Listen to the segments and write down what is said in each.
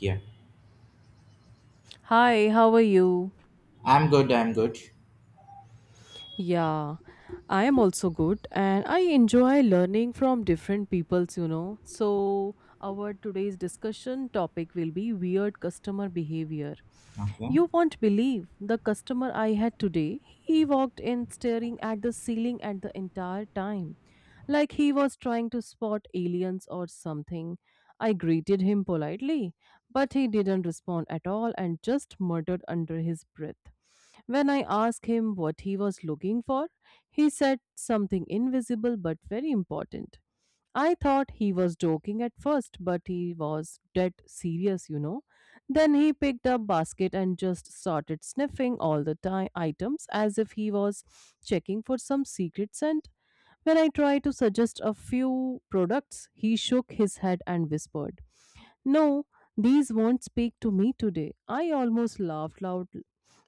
Yeah. Hi, how are you? I'm good. I'm good. Yeah, I am also good and I enjoy learning from different peoples, you know. So, our today's discussion topic will be weird customer behavior. Okay. You won't believe the customer I had today. He walked in staring at the ceiling at the entire time, like he was trying to spot aliens or something. I greeted him politely, but he didn't respond at all and just muttered under his breath. When I asked him what he was looking for, he said something invisible but very important. I thought he was joking at first, but he was dead serious, you know. Then he picked up basket and just started sniffing all the items as if he was checking for some secret scent. When I tried to suggest a few products, he shook his head and whispered, no, these won't speak to me today. I almost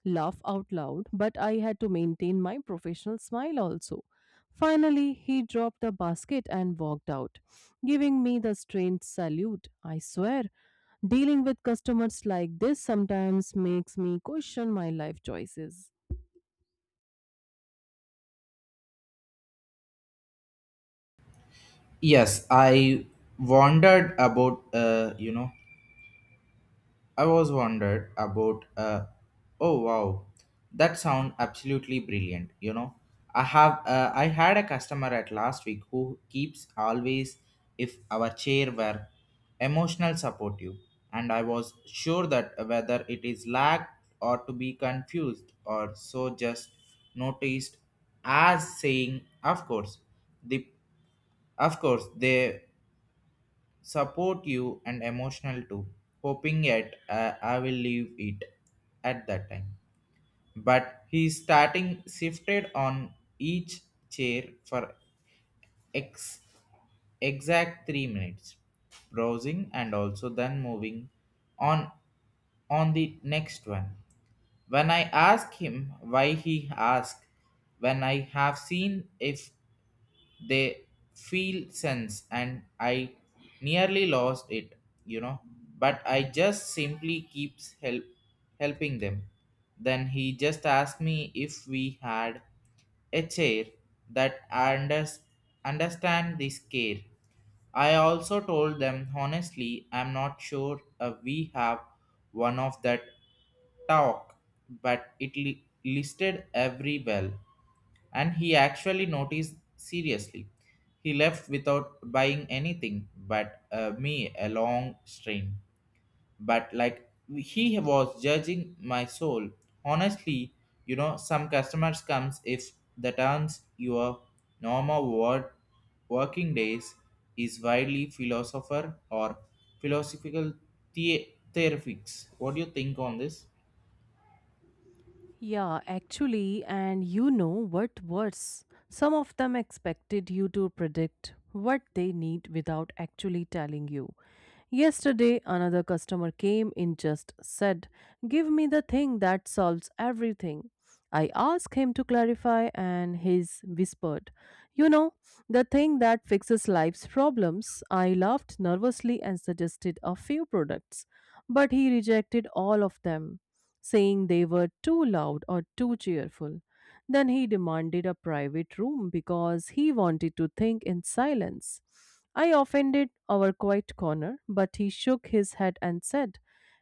laugh out loud, but I had to maintain my professional smile also. Finally, he dropped the basket and walked out, giving me the strange salute. I swear, dealing with customers like this sometimes makes me question my life choices. Yes, I wondered about I was wondered about. Oh, wow, that sound absolutely brilliant, you know. I have I had a customer at last week who keeps always if our chair were emotional supportive, and I was sure that whether it is lacked or to be confused or so just noticed as saying of course the of course they support you and emotional too, hoping yet I will leave it at that time. But he starting shifted on each chair for ex- exact 3 minutes, browsing and also then moving on on the next one. When I ask him why he asked, when I have seen if they feel sense and I nearly lost it, you know, but I just simply keeps helping them. Then he just asked me if we had a chair that understand this care. I also told them honestly, I'm not sure we have one of that talk, but it listed every well and he actually noticed seriously. He left without buying anything but me a long strain. But like he was judging my soul. Honestly, you know, some customers comes if the turns your normal work, working days is widely philosopher or philosophical theorifics. What do you think on this? Yeah, actually, and you know what worse? Some of them expected you to predict what they need without actually telling you. Yesterday, another customer came in just said, give me the thing that solves everything. I asked him to clarify, and he's whispered, you know, the thing that fixes life's problems. I laughed nervously and suggested a few products, but he rejected all of them saying they were too loud or too cheerful. Then he demanded a private room because he wanted to think in silence. I offended our quiet corner, but he shook his head and said,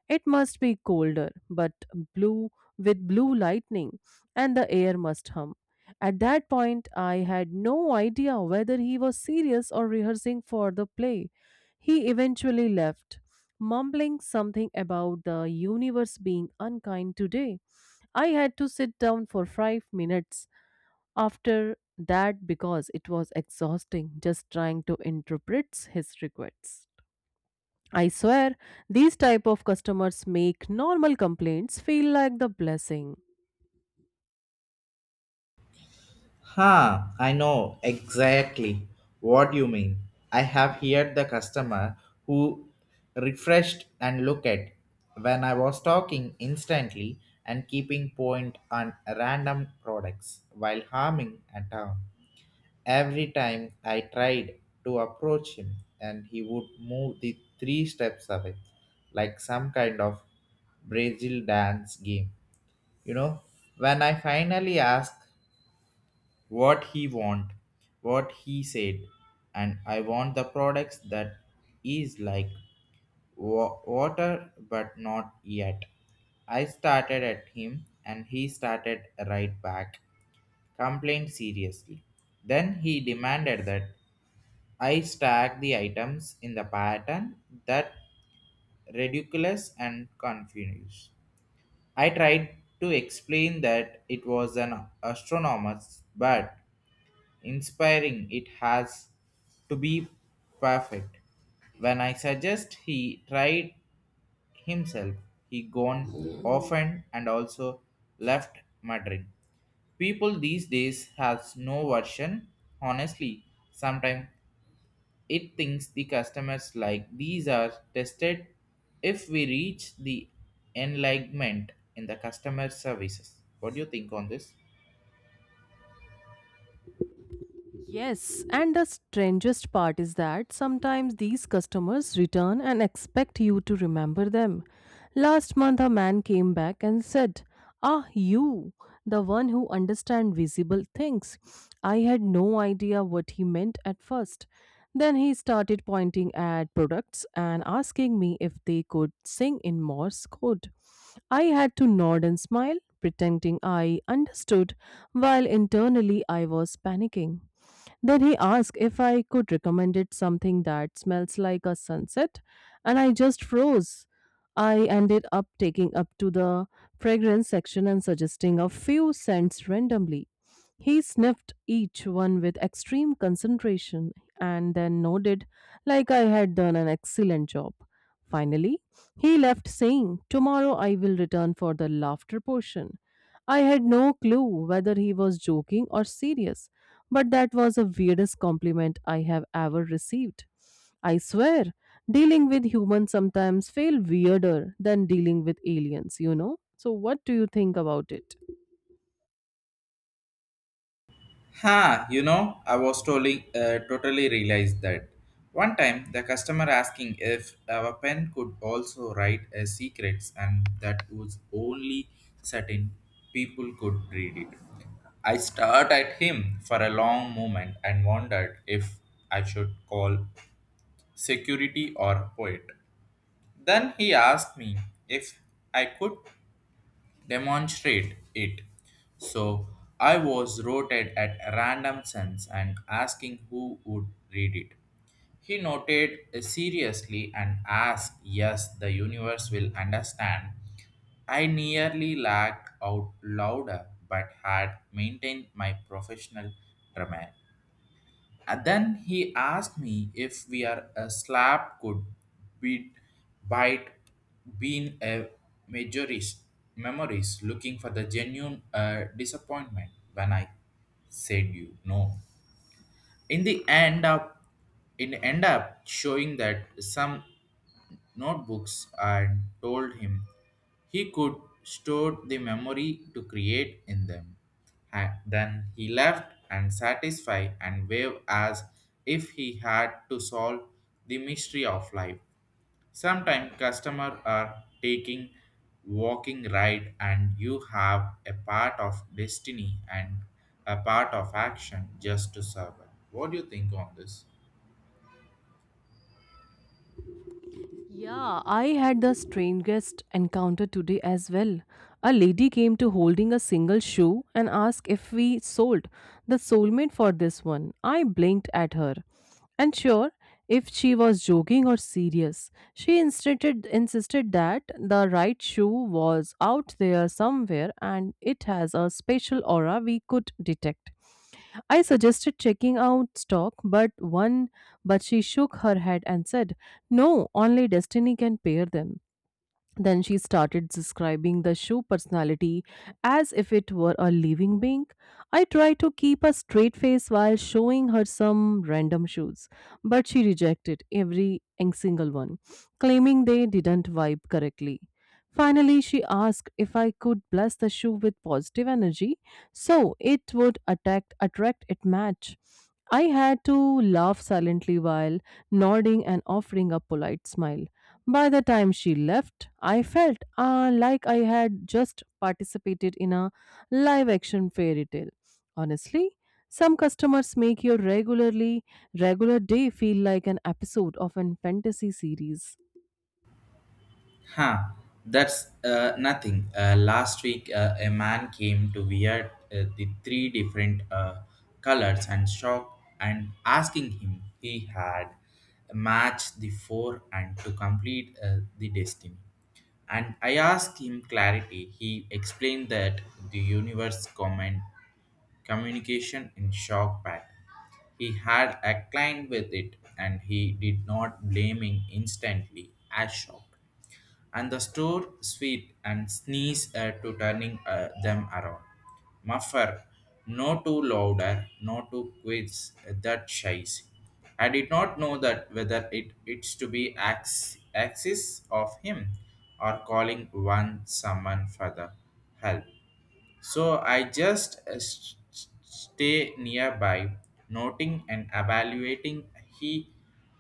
it must be colder, but blue with blue lightning, and the air must hum. At that point, I had no idea whether he was serious or rehearsing for the play. He eventually left, mumbling something about the universe being unkind today. I had to sit down for 5 minutes after that because it was exhausting just trying to interpret his requests. I swear, these type of customers make normal complaints feel like the blessing. Ha, I know exactly what you mean. I have heard the customer who refreshed and looked at when I was talking instantly and keeping point on random products while harming a town. Every time I tried to approach him and he would move the three steps away like some kind of Brazil dance game. You know, when I finally asked what he want, what he said, and I want the products that is like water but not yet. I started at him and he started right back, complained seriously. Then he demanded that I stack the items in the pattern that ridiculous and confused. I tried to explain that it was an astronomer's but inspiring, it has to be perfect. When I suggest he tried himself, he gone often and also left muttering. People these days has no version. Honestly, sometimes it thinks the customers like these are tested if we reach the enlightenment in the customer services. What do you think on this? Yes, and the strangest part is that sometimes these customers return and expect you to remember them. Last month, a man came back and said, ah, you, the one who understands visible things. I had no idea what he meant at first. Then he started pointing at products and asking me if they could sing in Morse code. I had to nod and smile, pretending I understood, while internally I was panicking. Then he asked if I could recommend it something that smells like a sunset, and I just froze. I ended up taking up to the fragrance section and suggesting a few scents randomly. He sniffed each one with extreme concentration and then nodded like I had done an excellent job. Finally, he left saying, tomorrow I will return for the laughter portion. I had no clue whether he was joking or serious, but that was the weirdest compliment I have ever received. I swear, dealing with humans sometimes feel weirder than dealing with aliens, you know? So what do you think about it? Ha, you know, I was totally realized that. One time, the customer asking if our pen could also write a secrets and that was only certain people could read it. I stared at him for a long moment and wondered if I should call security or poet. Then he asked me if I could demonstrate it. So I was rotated at random sense and asking who would read it. He noted seriously and asked, "Yes, the universe will understand." I nearly laughed out louder but had maintained my professional drama. And then he asked me if we are a slab could be bite, being a majorist memories, looking for the genuine disappointment when I said you no. In the end up in end up showing that some notebooks and told him he could store the memory to create in them. Then he left and satisfied and waved as if he had to solve the mystery of life. Sometimes customers are taking walking ride and you have a part of destiny and a part of action just to survive. What do you think on this? Yeah, I had the strangest encounter today as well. A lady came to holding a single shoe and asked if we sold the soulmate for this one. I blinked at her. And sure, if she was joking or serious, she insisted that the right shoe was out there somewhere and it has a special aura we could detect. I suggested checking out stock, but she shook her head and said, "No, only destiny can pair them." Then she started describing the shoe personality as if it were a living being. I tried to keep a straight face while showing her some random shoes, but she rejected every and single one, claiming they didn't vibe correctly. Finally, she asked if I could bless the shoe with positive energy so it would attract it match. I had to laugh silently while nodding and offering a polite smile. By the time she left, I felt like I had just participated in a live action fairy tale. Honestly, some customers make your regular day feel like an episode of a fantasy series. Huh, that's nothing. Last week, a man came to wear the three different colors and shock and asking him he had matched the four and to complete the destiny. And I asked him clarity. He explained that the universe comment communication in shock pattern. He had a client with it and he did not blaming instantly as shock and the store sweet and sneeze to turning them around. Muffer, no too louder, no too quits, that shies. I did not know that whether it's to be axis of him or calling one someone for the help. So I just stay nearby, noting and evaluating he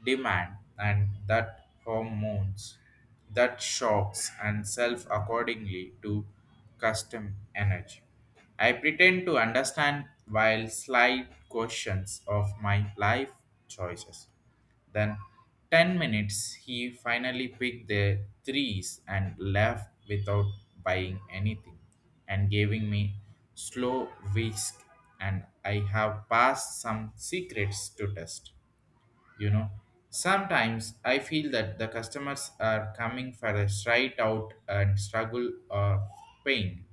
demand and that hormones, that shocks and self accordingly to custom energy. I pretend to understand while slight questions of my life choices. Then 10 minutes he finally picked the threes and left without buying anything and giving me slow whisk and I have passed some secrets to test. You know, sometimes I feel that the customers are coming for a straight out and struggle or pain.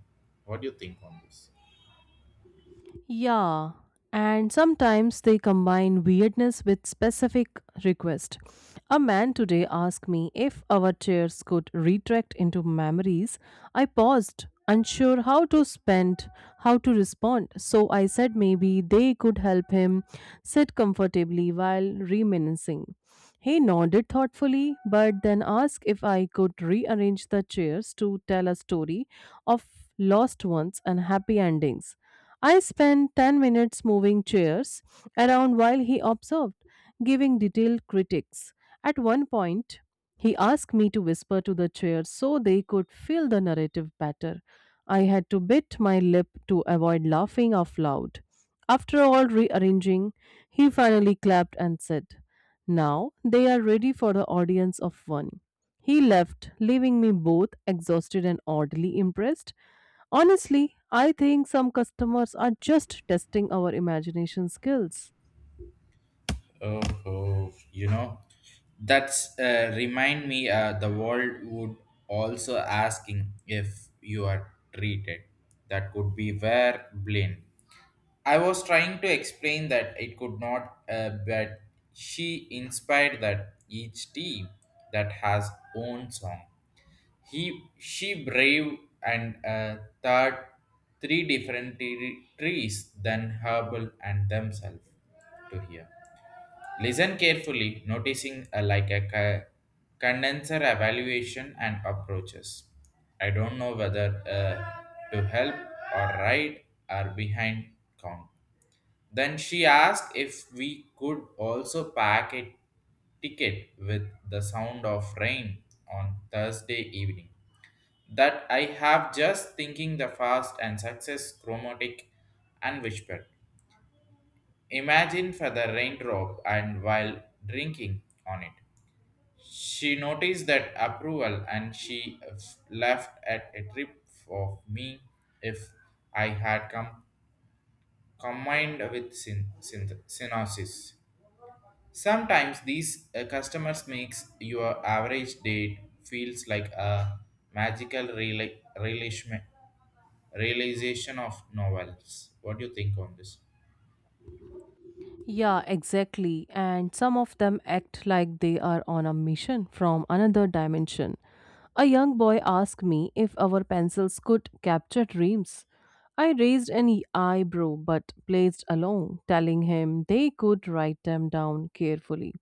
What do you think on this? Yeah, and sometimes they combine weirdness with specific request. A man today asked me if our chairs could retract into memories. I paused, unsure how to spend, how to respond. So I said maybe they could help him sit comfortably while reminiscing. He nodded thoughtfully, but then asked if I could rearrange the chairs to tell a story of lost ones and happy endings. I spent 10 minutes moving chairs around while he observed, giving detailed critiques. At one point, he asked me to whisper to the chairs so they could feel the narrative better. I had to bit my lip to avoid laughing out loud. After all rearranging, he finally clapped and said, now they are ready for the audience of one. He left, leaving me both exhausted and oddly impressed. Honestly, I think some customers are just testing our imagination skills. Oh, you know, that's remind me. The world would also asking if you are treated. That could be where blame. I was trying to explain that it could not, but she inspired that each team that has own song. He, she brave and third three different trees than herbal and themselves to hear. Listen carefully, noticing like a condenser evaluation and approaches. I don't know whether to help or right or behind count. Then she asked if we could also pack a ticket with the sound of rain on Thursday evening. That I have just thinking the fast and success chromatic and whispered. Imagine for the raindrop and while drinking on it. She noticed that approval and she laughed at a trip of me if I had combined with synopsis. Sometimes these customers makes your average date feels like a magical realization of novels. What do you think on this? Yeah, exactly. And some of them act like they are on a mission from another dimension. A young boy asked me if our pencils could capture dreams. I raised an eyebrow but placed along, telling him they could write them down carefully.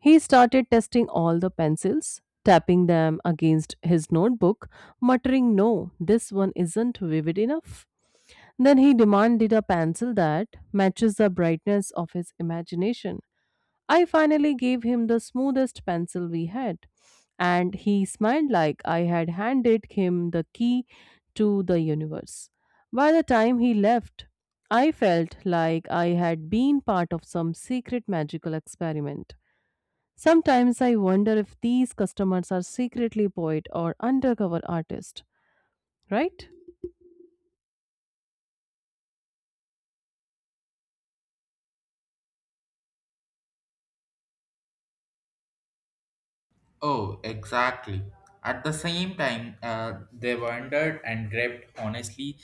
He started testing all the pencils, tapping them against his notebook, muttering, no, this one isn't vivid enough. Then he demanded a pencil that matches the brightness of his imagination. I finally gave him the smoothest pencil we had, and he smiled like I had handed him the key to the universe. By the time he left, I felt like I had been part of some secret magical experiment. Sometimes I wonder if these customers are secretly poet or undercover artists, right? Oh, exactly. At the same time, they wondered and grabbed honestly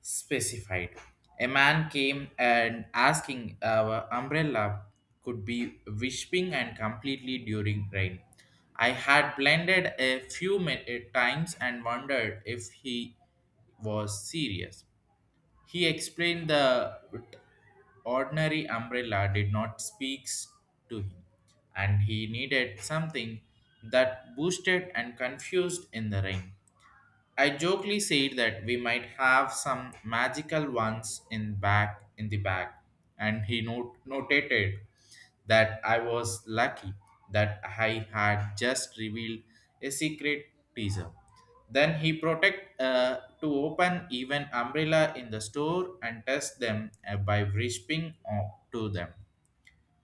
specified. A man came and asking our umbrella could be whipping and completely during rain. I had blended a few times and wondered if he was serious. He explained the ordinary umbrella did not speak to him, and he needed something that boosted and confused in the rain. I jokingly said that we might have some magical ones in the back, and he notated that I was lucky that I had just revealed a secret teaser. Then he protect to open even umbrella in the store and test them by whispering to them.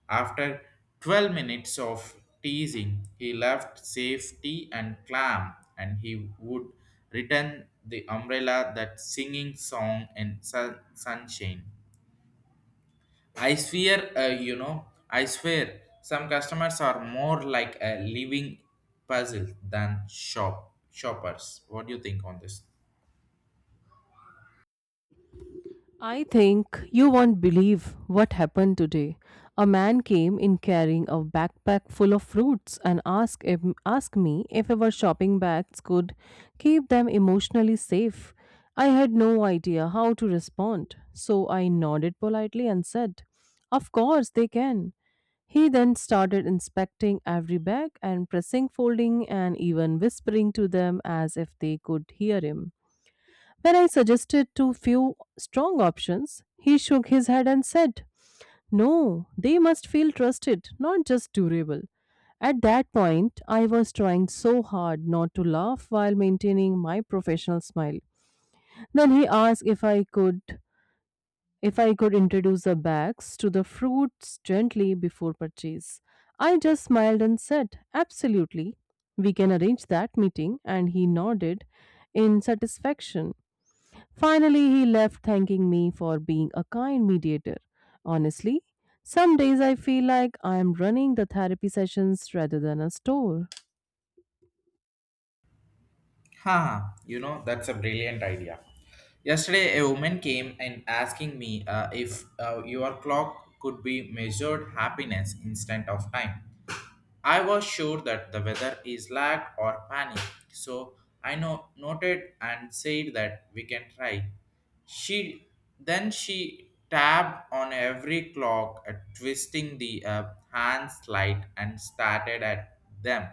After 12 minutes of teasing, he left safety and clam, and he would return the umbrella that singing song in sunshine. I swear, I swear, some customers are more like a living puzzle than shoppers. What do you think on this? I think you won't believe what happened today. A man came in carrying a backpack full of fruits and asked me if our shopping bags could keep them emotionally safe. I had no idea how to respond, so I nodded politely and said, "Of course they can." He then started inspecting every bag and pressing, folding, and even whispering to them as if they could hear him. When I suggested too few strong options, he shook his head and said, no, they must feel trusted, not just durable. At that point, I was trying so hard not to laugh while maintaining my professional smile. Then he asked if I could introduce the bags to the fruits gently before purchase. I just smiled and said, absolutely. We can arrange that meeting, and he nodded in satisfaction. Finally, he left thanking me for being a kind mediator. Honestly, some days I feel like I am running the therapy sessions rather than a store. Ha, you know, that's a brilliant idea. Yesterday, a woman came and asking me if your clock could be measured happiness instead of time. I was sure that the weather is lag or panic, so I noted and said that we can try. She then she tapped on every clock, twisting the hand slide and started at them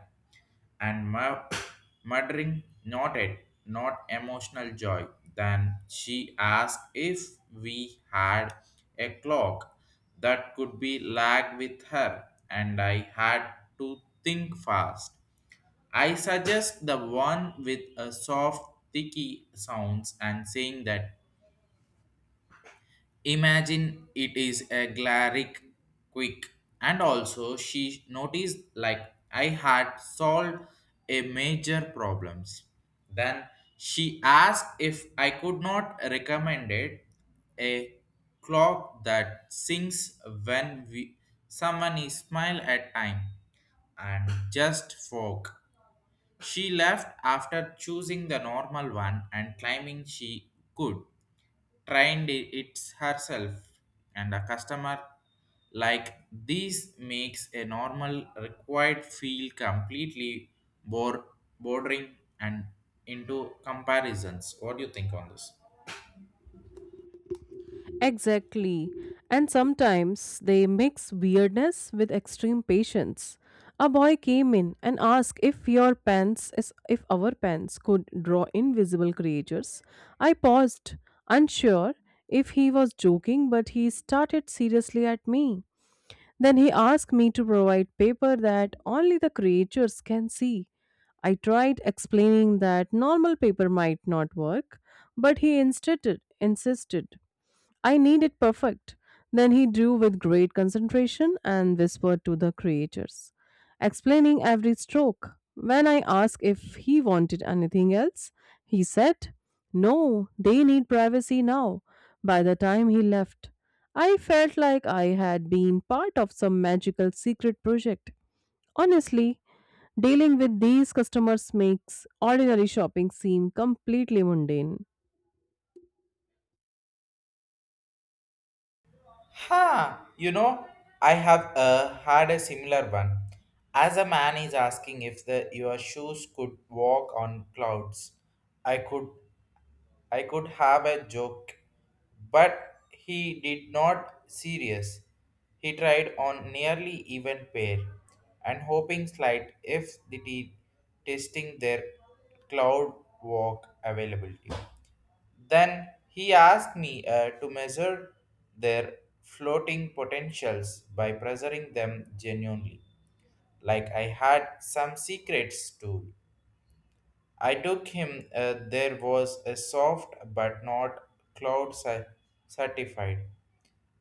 and murdering not it not emotional joy. Then she asked if we had a clock that could be lagged with her, and I had to think fast. I suggest the one with a soft ticky sounds and saying that, "Imagine it is a glaric quick." And also she noticed like I had solved a major problems. Then she asked if I could not recommend it a clock that sings when we someone is smile at time and just folk. She left after choosing the normal one and claiming she could trained it herself, and a customer like this makes a normal required feel completely bor, bordering and into comparisons. What do you think on this? Exactly. And sometimes they mix weirdness with extreme patience. A boy came in and asked if our pens could draw invisible creatures. I paused, unsure if he was joking, but he started seriously at me. Then he asked me to provide paper that only the creatures can see. I tried explaining that normal paper might not work, but he insisted I need it perfect. Then he drew with great concentration and whispered to the creators, explaining every stroke. When I asked if he wanted anything else, he said, no, they need privacy now. By the time he left, I felt like I had been part of some magical secret project. Honestly, dealing with these customers makes ordinary shopping seem completely mundane. Ha! You know, I have had a similar one. As a man is asking if the your shoes could walk on clouds, I could I could have a joke, but he did not serious. He tried on nearly even pair, and hoping slight if the testing their cloud walk availability. Then he asked me to measure their floating potentials by pressuring them genuinely, like I had some secrets too. I took him. There was a soft but not cloud certified,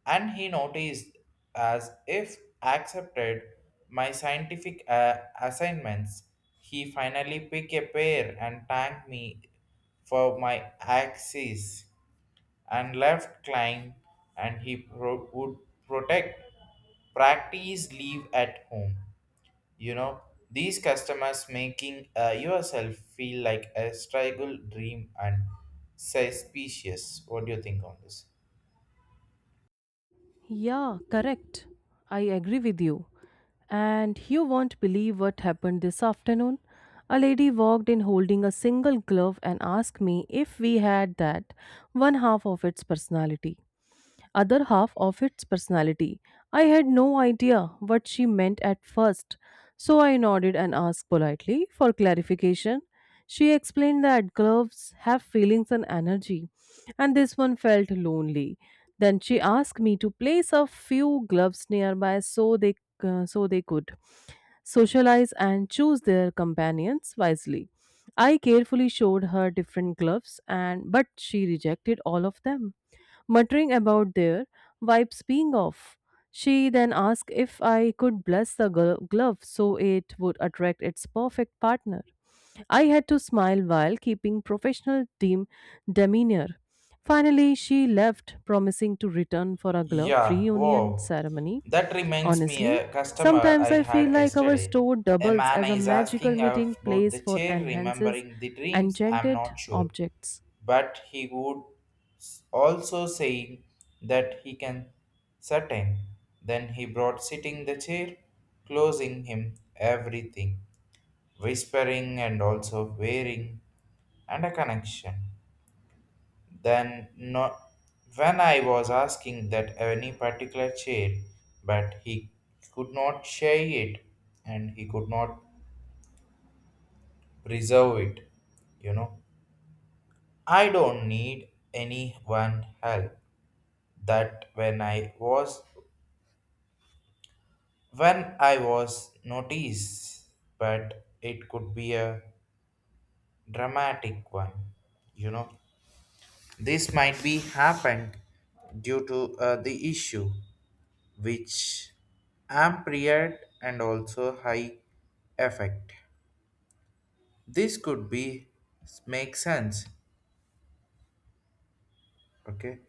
and he noticed as if accepted my scientific assignments. He finally picked a pair and thanked me for my axes and left climb and he would protect practice leave at home, you know. These customers making yourself feel like a struggle dream and suspicious. What do you think on this? Yeah, correct. I agree with you. And you won't believe what happened this afternoon. A lady walked in holding a single glove and asked me if we had that one half of its personality other half of its personality. I had no idea what she meant at first, so I nodded and asked politely for clarification. She explained that gloves have feelings and energy, and this one felt lonely. Then she asked me to place a few gloves nearby so they could socialize and choose their companions wisely. I carefully showed her different gloves and but she rejected all of them muttering about their wipes being off. She then asked if I could bless the glove so it would attract its perfect partner. I had to smile while keeping professional team demeanor. Finally, she left, promising to return for a glove Yeah, reunion wow, ceremony. that reminds me Honestly, a customer sometimes I I had feel like our yesterday. store A doubles man as a is asking magical meeting about place the for chair enhances remembering the dreams, I'm enchanted not sure, objects. but he would also saying that he can certain. Then he brought sitting the chair, closing him everything, whispering and also wearing and a connection. Then no, when I was asking that any particular chair, but he could not share it and he could not preserve it, you know. I don't need anyone help. That when I was noticed, but it could be a dramatic one, you know. This might be happened due to the issue, which amplified and also high effect. This could be make sense. Okay,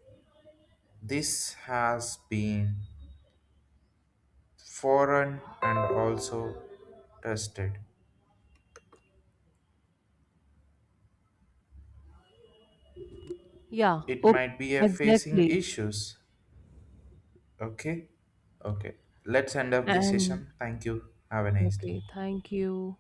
this has been foreign and also tested. Yeah, It okay, might be a facing exactly. issues. Okay, okay. Let's end up this And session. Thank you. Have a nice day. okay, thank you.